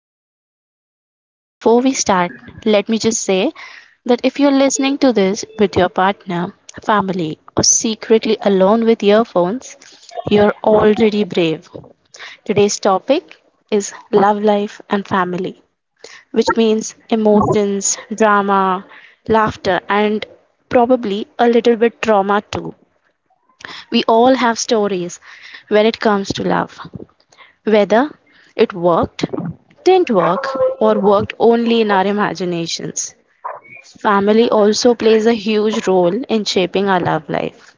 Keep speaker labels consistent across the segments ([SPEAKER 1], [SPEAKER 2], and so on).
[SPEAKER 1] I am Marilyn, and before we start, let me just say that if you're listening to this with your partner, family, or secretly alone with earphones, you're already brave. Today's topic is love life and family, which means emotions, drama, laughter, and probably a little bit trauma too. We all have stories when it comes to love. Whether it worked, didn't work, or worked only in our imaginations, family also plays a huge role in shaping our love life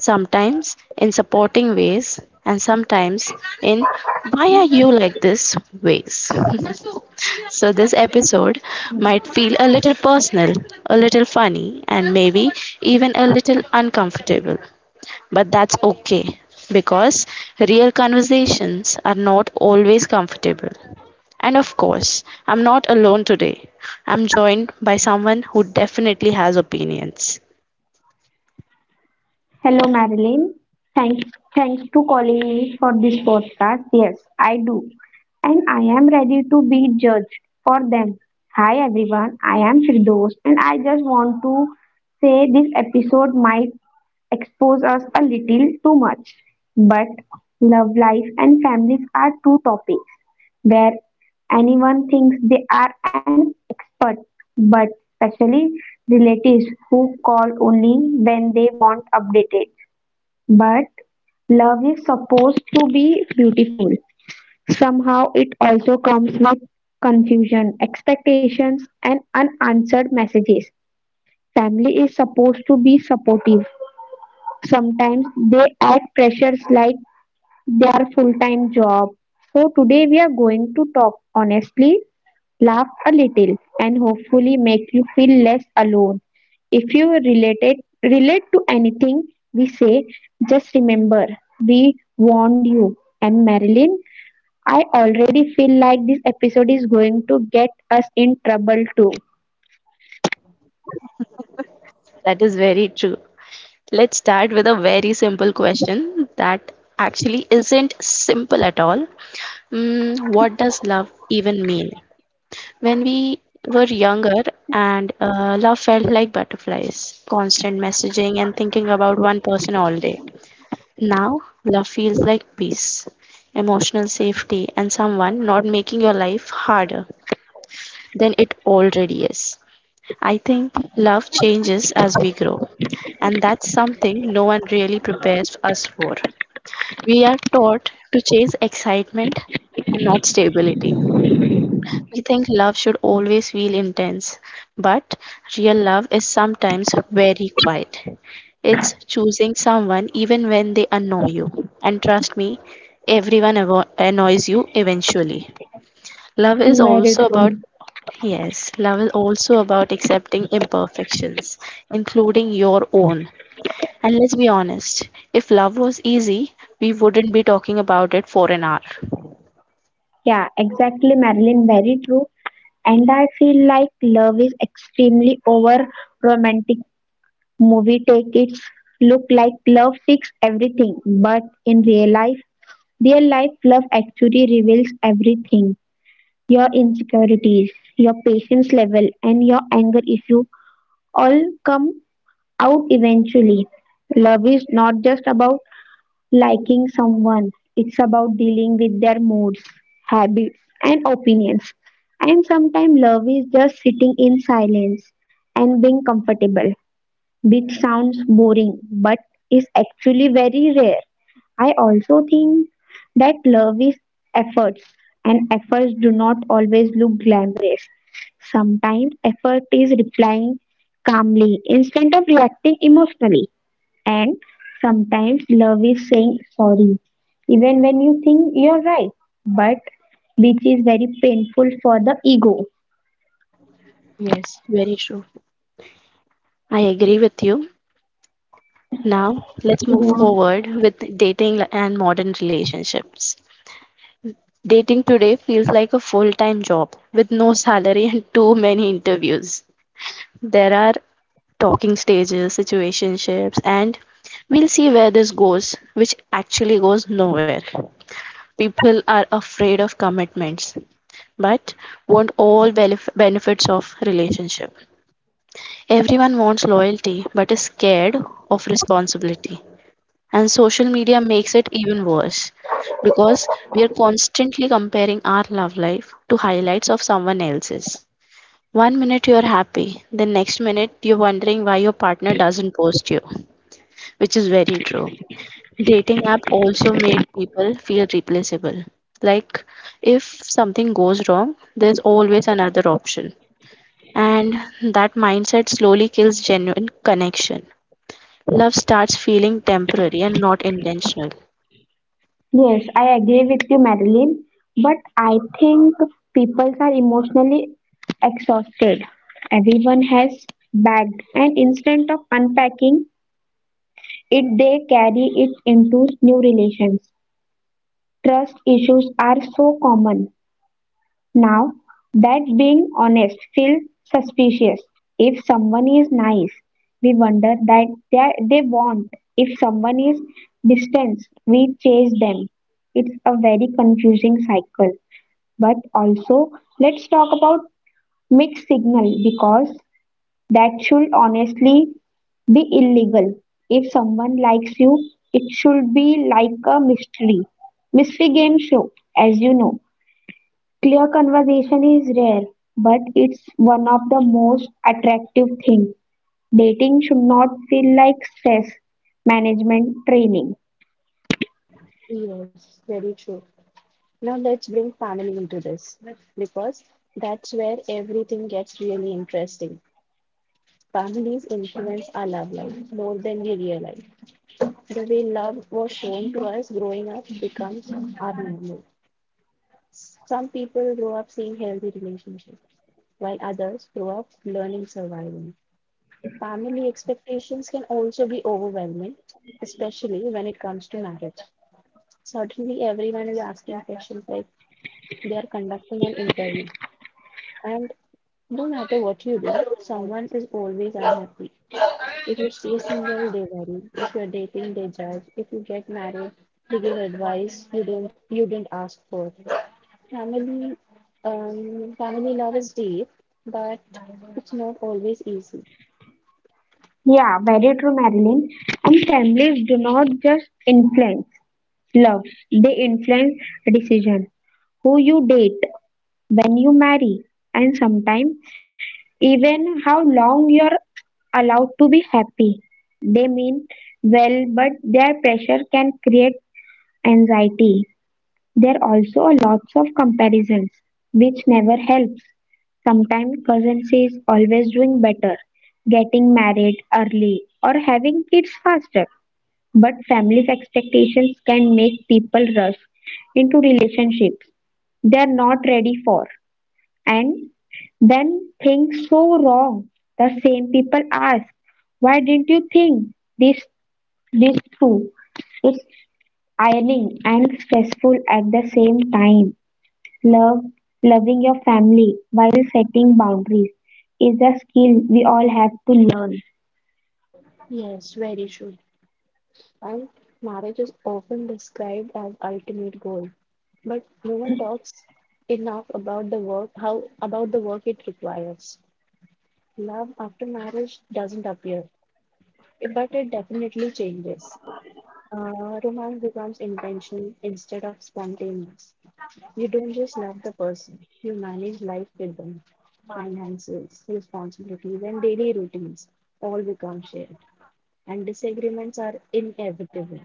[SPEAKER 1] sometimes in supporting ways, and sometimes in why are you like this ways. So, this episode might feel a little personal, a little funny, and maybe even a little uncomfortable. But that's okay because real conversations are not always comfortable. And of course, I'm not alone today. I'm joined by someone who definitely has opinions.
[SPEAKER 2] Hello, Marilyn. Thanks, thanks to calling me for this podcast. Yes, I do. And I am ready to be judged for them. Hi, everyone. I am Firdaus, and I just want to say this episode might expose us a little too much. But love life and families are two topics. Where. Anyone thinks they are an expert, but especially relatives who call only when they want updated. But love is supposed to be beautiful. Somehow it also comes with confusion, expectations, and unanswered messages. Family is supposed to be supportive. Sometimes they add pressures like their full time job. So today we are going to talk honestly. Laugh a little, and hopefully make you feel less alone. If you relate to anything we say, just remember we warned you. And Marilyn, I already feel like this episode is going to get us in trouble too.
[SPEAKER 1] That is very true. Let's start with a very simple question that actually isn't simple at all. Mm, what does love even mean? When we were younger and love felt like butterflies, constant messaging and thinking about one person all day. Now, love feels like peace, emotional safety, and someone not making your life harder than it already is. I think love changes as we grow, and that's something no one really prepares us for. We are taught to chase excitement and not stability. We think love should always feel intense, but real love is sometimes very quiet. It's choosing someone even when they annoy you. And trust me, everyone annoys you eventually. Love is
[SPEAKER 2] Very
[SPEAKER 1] also about
[SPEAKER 2] true.
[SPEAKER 1] yes, love is also about accepting imperfections, including your own. And let's be honest, if love was easy, we wouldn't be talking about it for an hour.
[SPEAKER 2] Yeah, exactly, Marilyn. Very true. And I feel like love is extremely over romantic. Movie take its look like love fix everything, but in real life, their life love actually reveals everything: your insecurities, your patience level, and your anger issue all come out eventually. Love is not just about liking someone, it's about dealing with their moods, habits, and opinions. And sometimes love is just sitting in silence and being comfortable, which sounds boring but is actually very rare. I also think that love is efforts, and efforts do not always look glamorous. Sometimes effort is replying calmly instead of reacting emotionally, and sometimes love is saying sorry even when you think you're right, but which is very painful for the ego.
[SPEAKER 1] Yes, very true. I agree with you. Now, let's move
[SPEAKER 2] Yeah.
[SPEAKER 1] forward with dating and modern relationships. Dating today feels like a full time job with no salary and too many interviews. There are talking stages, situationships, and we'll see where this goes, which actually goes nowhere. People are afraid of commitments, but want all benefits of relationship. Everyone wants loyalty, but is scared of responsibility. And social media makes it even worse because we are constantly comparing our love life to highlights of someone else's. One minute you're happy, the next minute you're wondering why your partner doesn't post you, which is very true. Dating app also made people feel replaceable. Like if something goes wrong, there's always another option. And that mindset slowly kills genuine connection. Love starts feeling temporary and not intentional.
[SPEAKER 2] Yes, I agree with you, Marilyn, but I think people are emotionally exhausted. Everyone has bagged, and instead of unpacking it, they carry it into new relations. Trust issues are so common now, that being honest feels suspicious. If someone is nice, we wonder that they want. If someone is distant, we chase them. It's a very confusing cycle. But also, let's talk about mixed signal, because that should honestly be illegal. If someone likes you, it should be like a mystery. Mystery game show, as you know. Clear conversation is rare, but it's one of the most attractive things. Dating should not feel like stress management training.
[SPEAKER 1] Yes, very true. Now let's bring family into this because that's where everything gets really interesting. Families influence our love life more than we realize. The way love was shown to us growing up becomes our normal. Some people grow up seeing healthy relationships, while others grow up learning surviving. Family expectations can also be overwhelming, especially when it comes to marriage. Certainly, everyone is asking questions like they are conducting an interview, and no matter what you do, someone is always unhappy. If you stay single, they worry. If you're dating, they judge. If you get married, they give advice you didn't ask for. Family, Family love is deep, but it's not always easy.
[SPEAKER 2] Yeah, very true, Marilyn. And families do not just influence love, they influence decision. Who you date, when you marry, and sometimes even how long you're allowed to be happy. They mean well, but their pressure can create anxiety. There are also lots of comparisons, which never helps. Sometimes cousin says always doing better, getting married early or having kids faster. But family's expectations can make people rush into relationships they are not ready for. And then things so wrong, the same people ask, why didn't you think this this through? It's ironing and stressful at the same time. Love, loving your family while setting boundaries is a skill we all have to learn.
[SPEAKER 1] Yes, very true. And marriage is often described as ultimate goal, but no one talks enough about the work how about the work it requires. Love after marriage doesn't appear, but it definitely changes. Romance becomes intentional instead of spontaneous. You don't just love the person, you manage life with them. Finances, responsibilities, and daily routines all become shared, and disagreements are inevitable.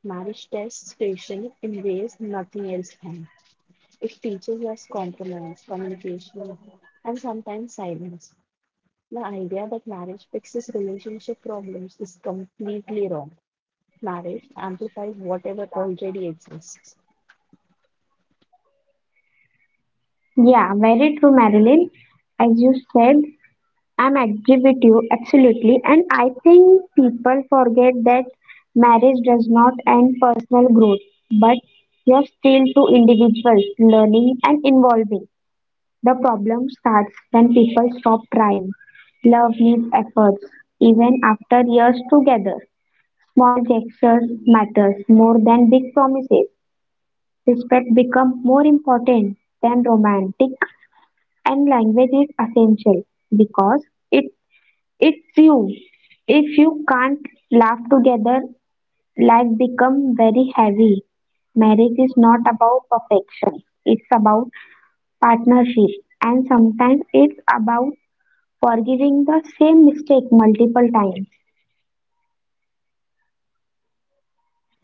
[SPEAKER 1] Marriage tests patience in ways nothing else can. It teaches us compromise, communication, and sometimes silence. The idea that marriage fixes relationship problems is completely wrong. Marriage amplifies whatever already exists.
[SPEAKER 2] Yeah, very true, Marilyn. As you said, I'm agree with you absolutely, and I think people forget that marriage does not end personal growth, but you're still two individuals learning and evolving. The problem starts when people stop trying. Love needs efforts, even after years together. Small gestures matter more than big promises. Respect becomes more important than romantic, and language is essential because it it's you. If you can't laugh together, life becomes very heavy. Marriage is not about perfection. It's about partnership, and sometimes it's about forgiving the same mistake multiple times.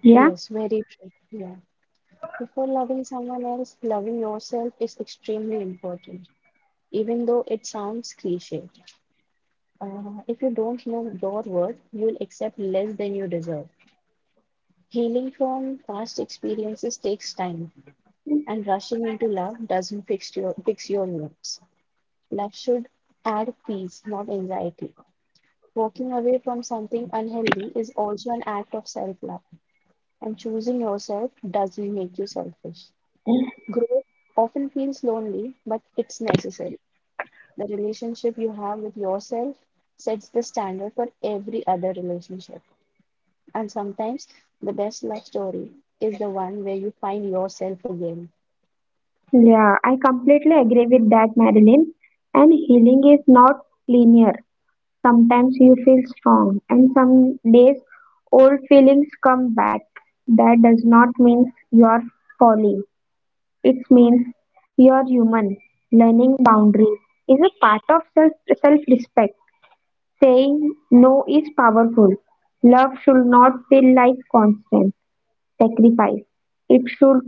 [SPEAKER 2] Yeah.
[SPEAKER 1] Yes, very true. Yeah. Before loving someone else, loving yourself is extremely important, even though it sounds cliche. If you don't know your worth, you will accept less than you deserve. Healing from past experiences takes time, and rushing into love doesn't fix your wounds. Love should add peace, not anxiety. Walking away from something unhealthy is also an act of self love, and choosing yourself doesn't make you selfish. Growth often feels lonely, but it's necessary. The relationship you have with yourself sets the standard for every other relationship. And sometimes the best love story is the one where you find yourself again.
[SPEAKER 2] Yeah, I completely agree with that, Marilyn. And healing is not linear. Sometimes you feel strong, and some days old feelings come back. That does not mean you are falling. It means you are human. Learning boundaries is a part of self respect. Saying no is powerful. Love should not feel like constant sacrifice. It should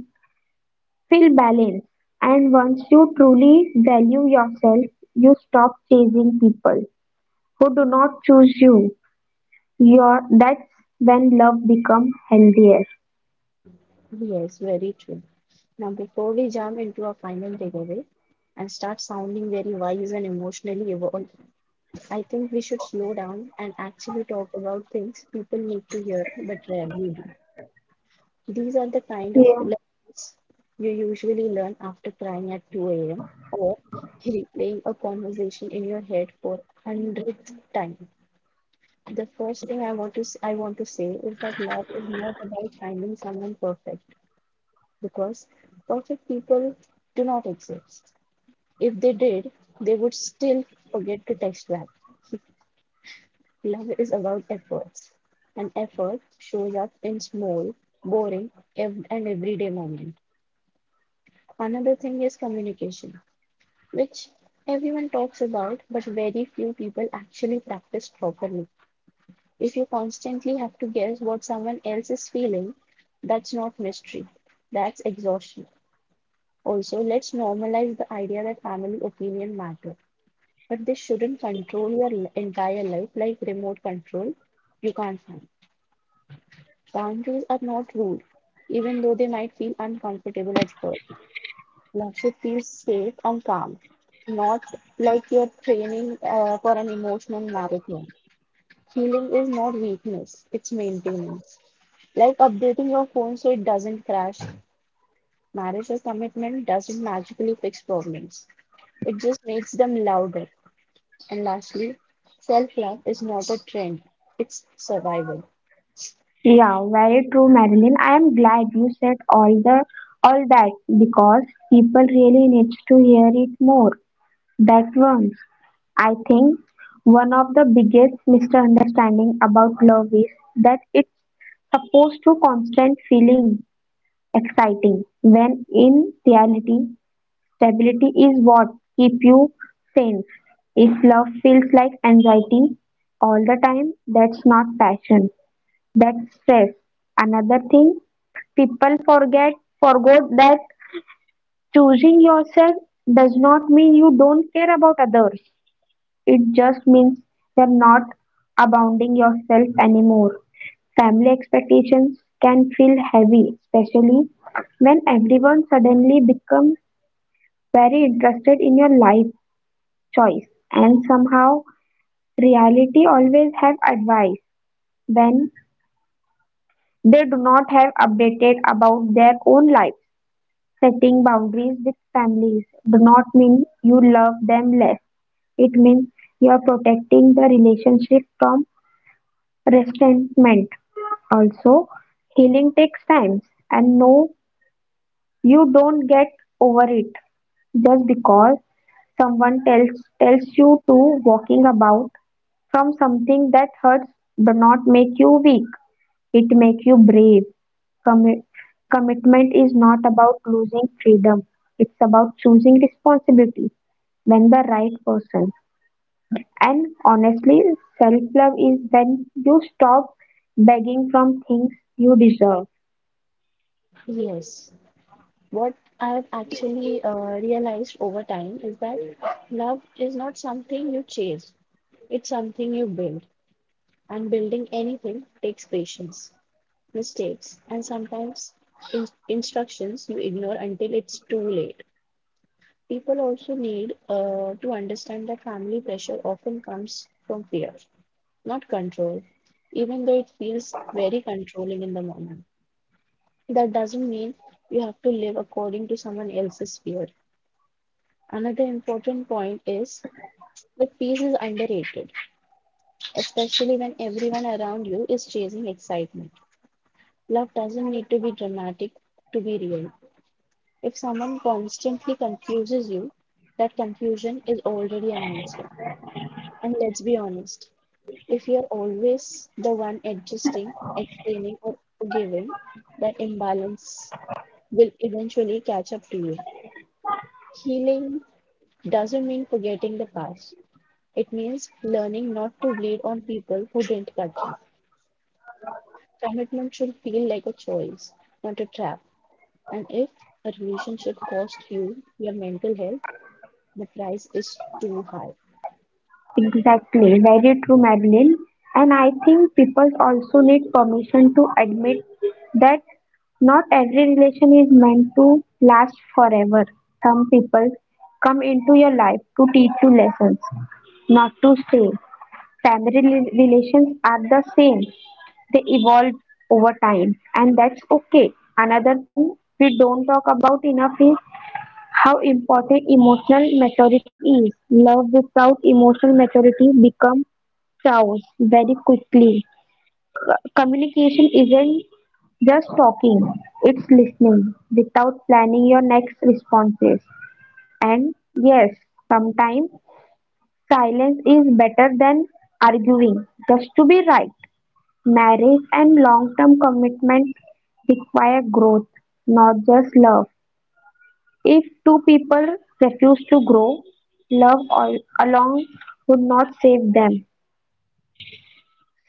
[SPEAKER 2] Phil Balin, and once you truly value yourself, you stop chasing people who do not choose you. Your that's when love becomes healthier.
[SPEAKER 1] Yes, very true. Now, before we jump into our final takeaway and start sounding very wise and emotionally evolved, I think we should slow down and actually talk about things people need to hear but rarely do. These are the kind of
[SPEAKER 2] Yeah.
[SPEAKER 1] lessons you usually learn after crying at 2 a.m. or replaying a conversation in your head for hundredth time. The first thing I want to say is that love is not about finding someone perfect because perfect people do not exist. If they did, they would still forget to text back. Love is about efforts, and effort shows up in small, boring, and everyday moments. Another thing is communication, which everyone talks about, but very few people actually practice properly. If you constantly have to guess what someone else is feeling, that's not mystery, that's exhaustion. Also, let's normalize the idea that family opinion matter, but they shouldn't control your entire life like remote control you can't find. Boundaries are not rude, even though they might feel uncomfortable at first. Love, you feel safe and calm, not like you're training for an emotional marathon. Healing is not weakness, it's maintenance. Like updating your phone so it doesn't crash. Marriage or commitment doesn't magically fix problems, it just makes them louder. And lastly, self love is not a trend, it's survival.
[SPEAKER 2] Yeah, very true, Marilyn. I am glad you said all that because people really needs to hear it more. That once. I think one of the biggest misunderstanding about love is that it's supposed to constant feeling exciting, when in reality, stability is what keeps you sane. If love feels like anxiety all the time, that's not passion, that's stress. Another thing, people forget, forgot that choosing yourself does not mean you don't care about others. It just means you're not abounding yourself anymore. Family expectations can feel heavy, especially when everyone suddenly becomes very interested in your life choice, and somehow reality always have advice when they do not have updated about their own life. Setting boundaries with families do not mean you love them less. It means you are protecting the relationship from resentment. Also, healing takes time, and no, you don't get over it just because someone tells you to. Walking about from something that hurts do not make you weak, it make you brave. Commi- commitment is not about losing freedom, it's about choosing responsibility when the right person. And honestly, self-love is when you stop begging from things you deserve.
[SPEAKER 1] Yes. What I've actually realized over time is that love is not something you chase. It's something you build, and building anything takes patience, mistakes, and sometimes instructions you ignore until it's too late. People also need to understand that family pressure often comes from fear, not control, even though it feels very controlling in the moment. That doesn't mean you have to live according to someone else's fear. Another important point is that peace is underrated, especially when everyone around you is chasing excitement. Love doesn't need to be dramatic to be real. If someone constantly confuses you, that confusion is already an answer. And let's be honest, if you're always the one adjusting, explaining, or forgiving, that imbalance will eventually catch up to you. Healing doesn't mean forgetting the past, it means learning not to bleed on people who didn't cut you. Commitment should feel like a choice, not a trap. And if a relationship costs you your mental health, the price is too high.
[SPEAKER 2] Exactly, very true, Madeline. And I think people also need permission to admit that not every relation is meant to last forever. Some people come into your life to teach you lessons, not to stay. Family relations are the same. They evolve over time, and that's okay. Another thing we don't talk about enough is how important emotional maturity is. Love without emotional maturity becomes chaos very quickly. Communication isn't just talking, it's listening without planning your next responses. And yes, sometimes silence is better than arguing just to be right. Marriage and long-term commitment require growth, not just love. If two people refuse to grow, love alone would not save them.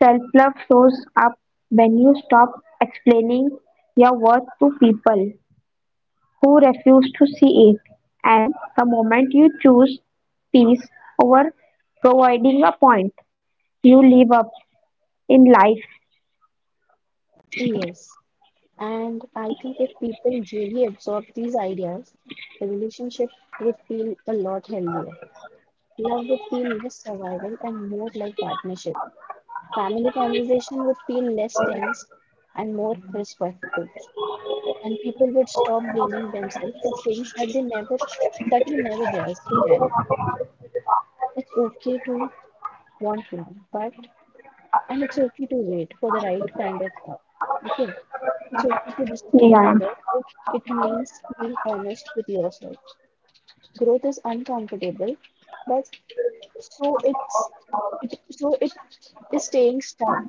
[SPEAKER 2] Self-love shows up when you stop explaining your worth to people who refuse to see it. And the moment you choose peace over providing a point, you live up in life.
[SPEAKER 1] Yes. And I think if people really absorb these ideas, the relationship would feel a lot healthier. Love would feel less survival and more like partnership. Family conversation would feel less tense and more respectful. And people would stop blaming themselves for things that they never that you never dare to carry. It's okay to want love, but And it's okay to wait for the right kind of love. Okay. It's okay to disappoint
[SPEAKER 2] Yeah.
[SPEAKER 1] others if it means being honest with yourself. Growth is uncomfortable, but so it's so it is staying stuck.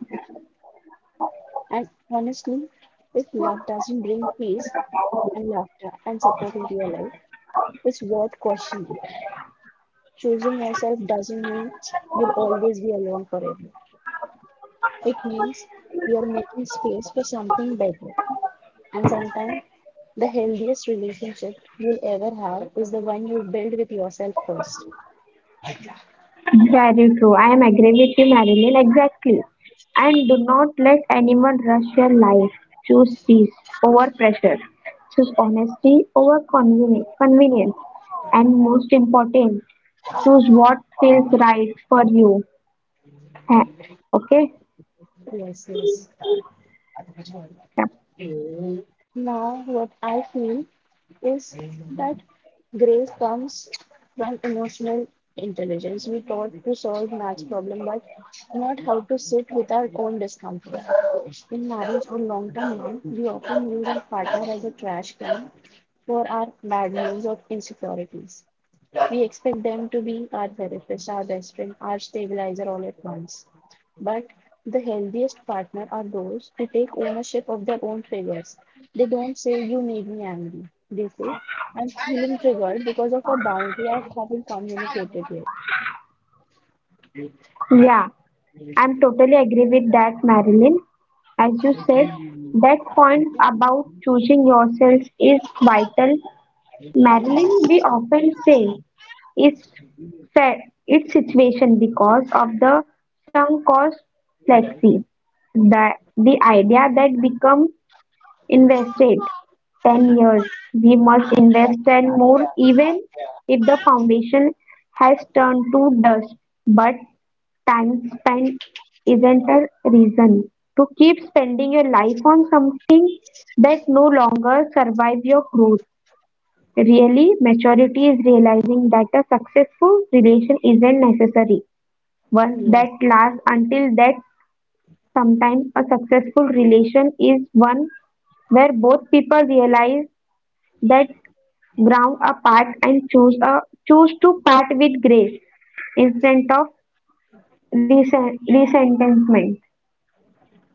[SPEAKER 1] And honestly, if love doesn't bring peace and laughter and support into your life, it's worth questioning. Choosing yourself doesn't mean you'll always be alone forever. It means you are making space for something better. And sometimes the healthiest relationship you'll ever have is the one you build with yourself first.
[SPEAKER 2] Very true. I am agree with you, Marilyn. Exactly. And do not let anyone rush your life. Choose peace over pressure. Choose honesty over convenience. And most important, choose what feels right for you. Tha- Okay?
[SPEAKER 1] Yes, yes.
[SPEAKER 2] Yeah.
[SPEAKER 1] Now, what I feel is that grace comes from emotional intelligence. We taught to solve maths problem, but not how to sit with our own discomfort. In marriage or long-term love, we often use our partner as a trash can for our bad moods or insecurities. We expect them to be our therapist, our best friend, our stabilizer all at once. But the healthiest partner are those who take ownership of their own triggers. They don't say, "You made me angry." They say, "I'm feeling triggered because of a boundary I haven't communicated yet."
[SPEAKER 2] Yeah. I'm totally agree with that, Marilyn. As you said, that point about choosing yourself is vital. Marilyn, we often say, is fed its situation because of the sunk cost fallacy, the, the idea that become invested 10 years, we must invest 10 more even if the foundation has turned to dust. But time spent isn't a reason to keep spending your life on something that no longer survives your growth. Really, maturity is realizing that a successful relation isn't necessary. One
[SPEAKER 1] Yes,
[SPEAKER 2] that lasts until that sometimes a successful relation is one where both people realize that ground apart and choose to part with grace instead of resentment.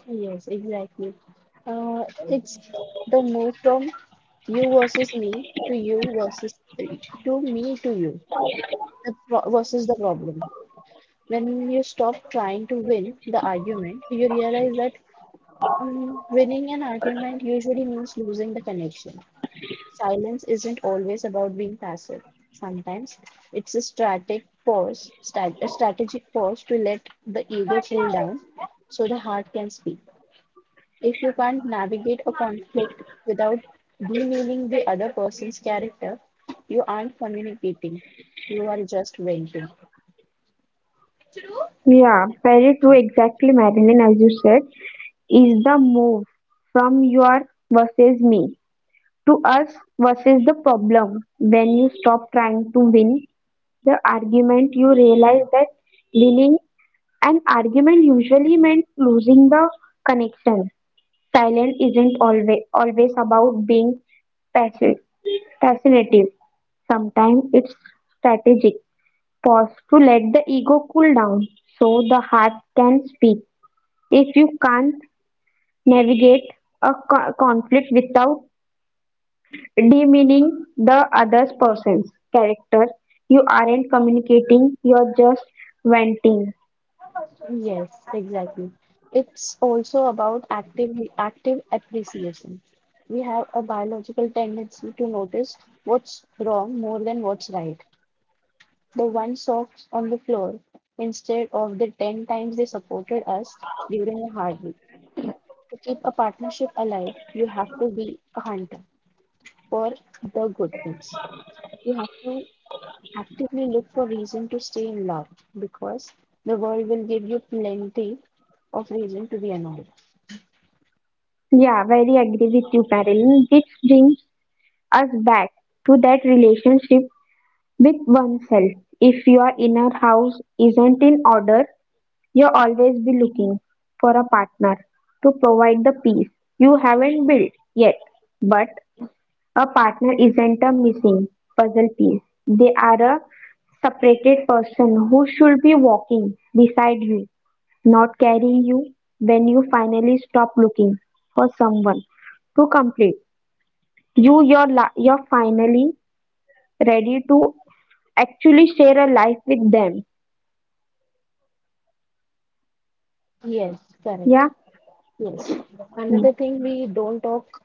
[SPEAKER 1] yes, exactly. Uh, it's the move from you versus to me to you. The pro versus the problem. When you stop trying to win the argument, you realize that winning an argument usually means losing the connection. Silence isn't always about being passive. Sometimes it's a strategic pause to let the ego cool down so the heart can speak. If you can't navigate a conflict without demeaning the other person's character, you aren't communicating, you are just venting.
[SPEAKER 2] Yeah, very true. Exactly, Marilyn, as you said, is the move from your versus me. To us, what is the problem? When you stop trying to win the argument, you realize that winning an argument usually meant losing the connection. Silence isn't always about being passive, fascinative. Sometimes it's strategic. Pause to let the ego cool down so the heart can speak. If you can't navigate a conflict without demeaning the other person's character. You aren't communicating, you're just venting.
[SPEAKER 1] Yes, exactly. It's also about active appreciation. We have a biological tendency to notice what's wrong more than what's right. The one socks on the floor instead of the 10 times they supported us during a hard week. To keep a partnership alive, you have to be a hunter for the good things. You have to actively look for reason to stay in love because the world will give you plenty of reason to be annoyed.
[SPEAKER 2] Yeah, very agree with you, Marilyn. This brings us back to that relationship with oneself. If your inner house isn't in order, you'll always be looking for a partner to provide the peace you haven't built yet. But a partner isn't a missing puzzle piece, they are a separated person who should be walking beside you, not carrying you. When you finally stop looking for someone to complete you, you're finally ready to actually share a life with them.
[SPEAKER 1] Yes, correct.
[SPEAKER 2] Yeah.
[SPEAKER 1] Yes. Another thing we don't talk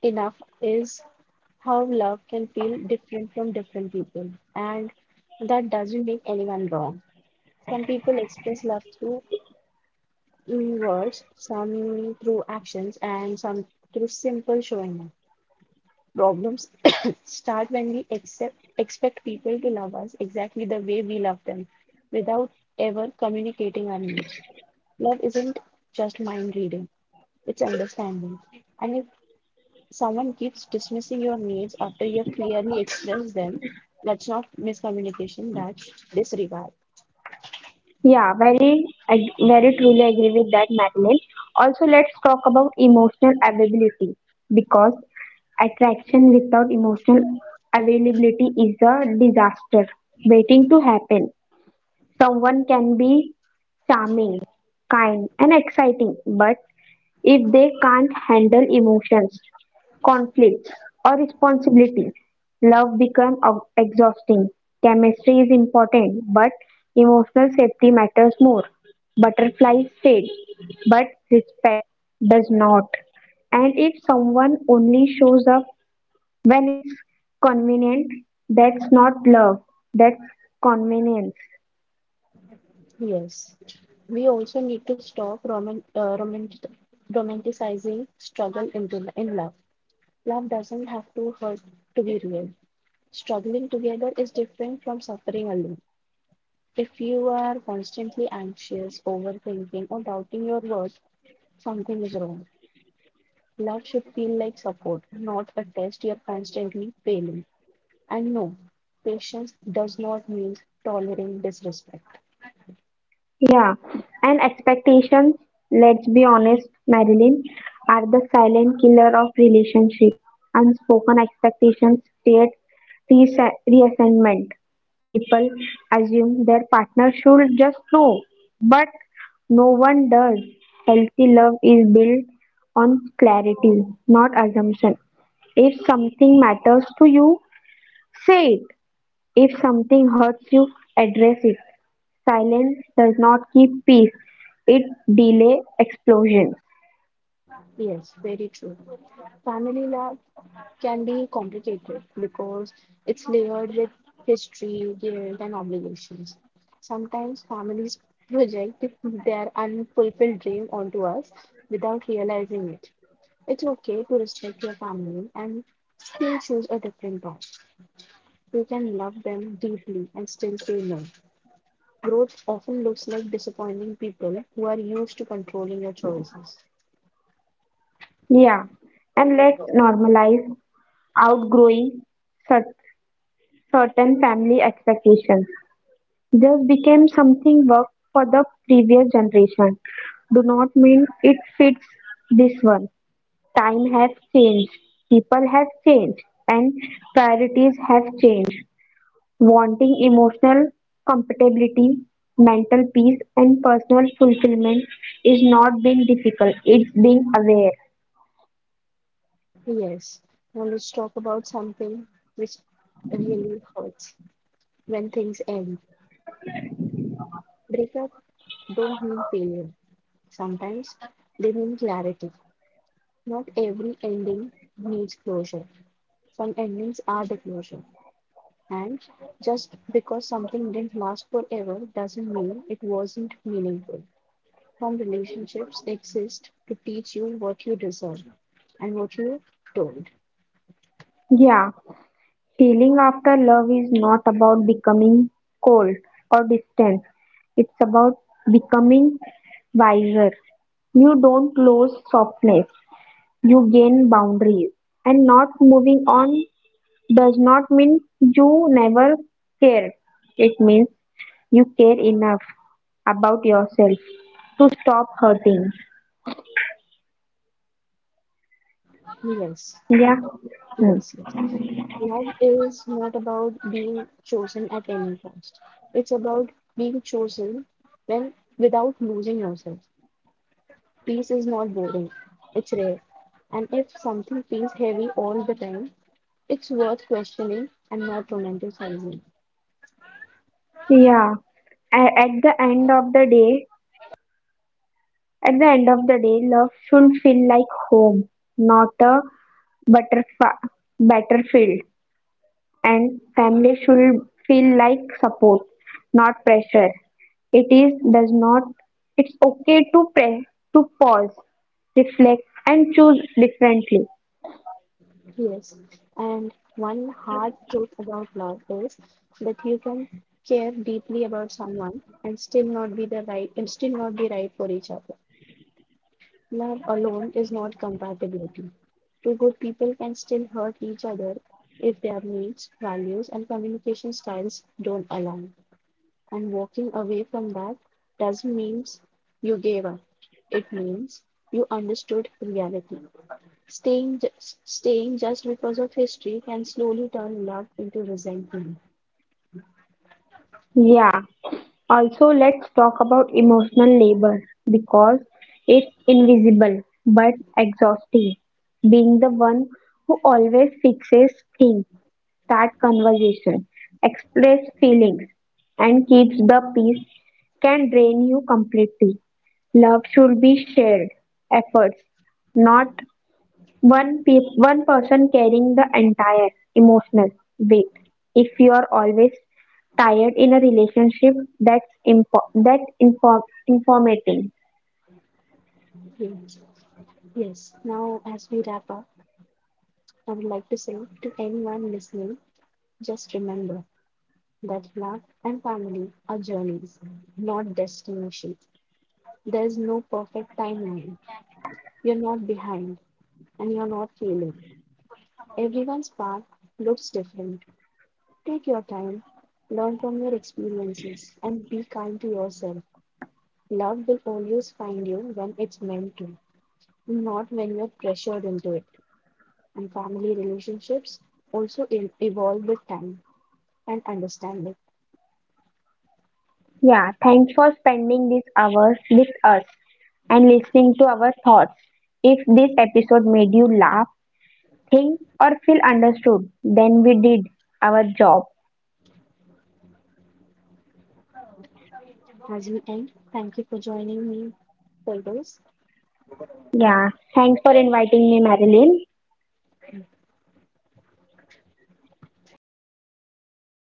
[SPEAKER 1] enough is how love can feel different from different people, and that doesn't make anyone wrong. Some people express love through words, some through actions, and some through simple showing up. Problems start when we accept, expect people to love us exactly the way we love them without ever communicating our needs. Love isn't just mind reading. It's understanding. And if someone keeps dismissing your needs after you have clearly expressed them, that's not miscommunication, that's disregard.
[SPEAKER 2] Yeah, very truly agree with that, Madeline. Also, let's talk about emotional availability, because attraction without emotional availability is a disaster waiting to happen. Someone can be charming, kind, and exciting, but if they can't handle emotions, conflicts, or responsibility. Love becomes exhausting. Chemistry is important, but emotional safety matters more. Butterflies fade, but respect does not. And if someone only shows up when it's convenient, that's not love, that's convenience.
[SPEAKER 1] Yes. We also need to stop romanticizing struggle into, in love. Love doesn't have to hurt to be real. Struggling together is different from suffering alone. If you are constantly anxious, overthinking, or doubting your worth, something is wrong. Love should feel like support, not a test you're constantly failing. And no, patience does not mean tolerating disrespect.
[SPEAKER 2] Yeah, and expectations, let's be honest, Marilyn, are the silent killer of relationships. Unspoken expectations create resentment. People assume their partner should just know, but no one does. Healthy love is built on clarity, not assumption. If something matters to you, say it. If something hurts you, address it. Silence does not keep peace, it delay explosions.
[SPEAKER 1] Yes, very true. Family love can be complicated because it's layered with history, guilt, and obligations. Sometimes families project their unfulfilled dream onto us without realizing it. It's okay to respect your family and still choose a different path. We can love them deeply and still say no. Growth often looks like disappointing people who are used to controlling your choices.
[SPEAKER 2] Yeah, and let's normalize outgrowing cer- certain family expectations. Just became something work for the previous generation. Do not mean it fits this one. Time has changed, people have changed, and priorities have changed. Wanting emotional compatibility, mental peace, and personal fulfillment is not being difficult, it's being aware.
[SPEAKER 1] Yes, now let's talk about something which really hurts when things end. Breakup don't mean failure. Sometimes they mean clarity. Not every ending needs closure. Some endings are the closure. And just because something didn't last forever doesn't mean it wasn't meaningful. From relationships exist to teach you what you deserve and what you don't.
[SPEAKER 2] Yeah, healing after love is not about becoming cold or distant, it's about becoming wiser. You don't lose softness, you gain boundaries. And not moving on does not mean you never care. It means you care enough about yourself to stop hurting.
[SPEAKER 1] Yes,
[SPEAKER 2] Yeah. Hmm.
[SPEAKER 1] yes, yes. Love is not about being chosen at any cost. It's about being chosen when without losing yourself. Peace is not boring. It's rare. And if something feels heavy all the time, it's worth questioning and not romanticizing.
[SPEAKER 2] Yeah. At the end of the day, at the end of the day, love should feel like home, not a butterf- battlefield. And family should feel like support, not pressure. It is does not. It's okay to pray, to pause, reflect, and choose differently.
[SPEAKER 1] Yes, and one hard truth about love is that you can care deeply about someone and still not be right for each other. Love alone is not compatibility. Two good people can still hurt each other if their needs, values, and communication styles don't align. And walking away from that doesn't mean you gave up. It means you understood reality. Staying, ju- Staying just because of history can slowly turn love into resentment.
[SPEAKER 2] Yeah. Also, let's talk about emotional labor, because it's invisible but exhausting. Being the one who always fixes things, start conversation, express feelings, and keeps the peace can drain you completely. Love should be shared efforts, not one person carrying the entire emotional weight. If you are always tired in a relationship, that's inform informating.
[SPEAKER 1] Yes. Yes. Now, as we wrap up, I would like to say to anyone listening, just remember that love and family are journeys, not destinations. There's no perfect timeline. You're not behind and you're not failing. Everyone's path looks different. Take your time, learn from your experiences, and be kind to yourself. Love will always find you when it's meant to, not when you're pressured into it. And family relationships also evolve with time and understanding.
[SPEAKER 2] Yeah, thanks for spending these hours with us and listening to our thoughts. If this episode made you laugh, think, or feel understood, then we did our job.
[SPEAKER 1] As we end, thank you for joining me for this.
[SPEAKER 2] Yeah, thanks for inviting me, Marilyn.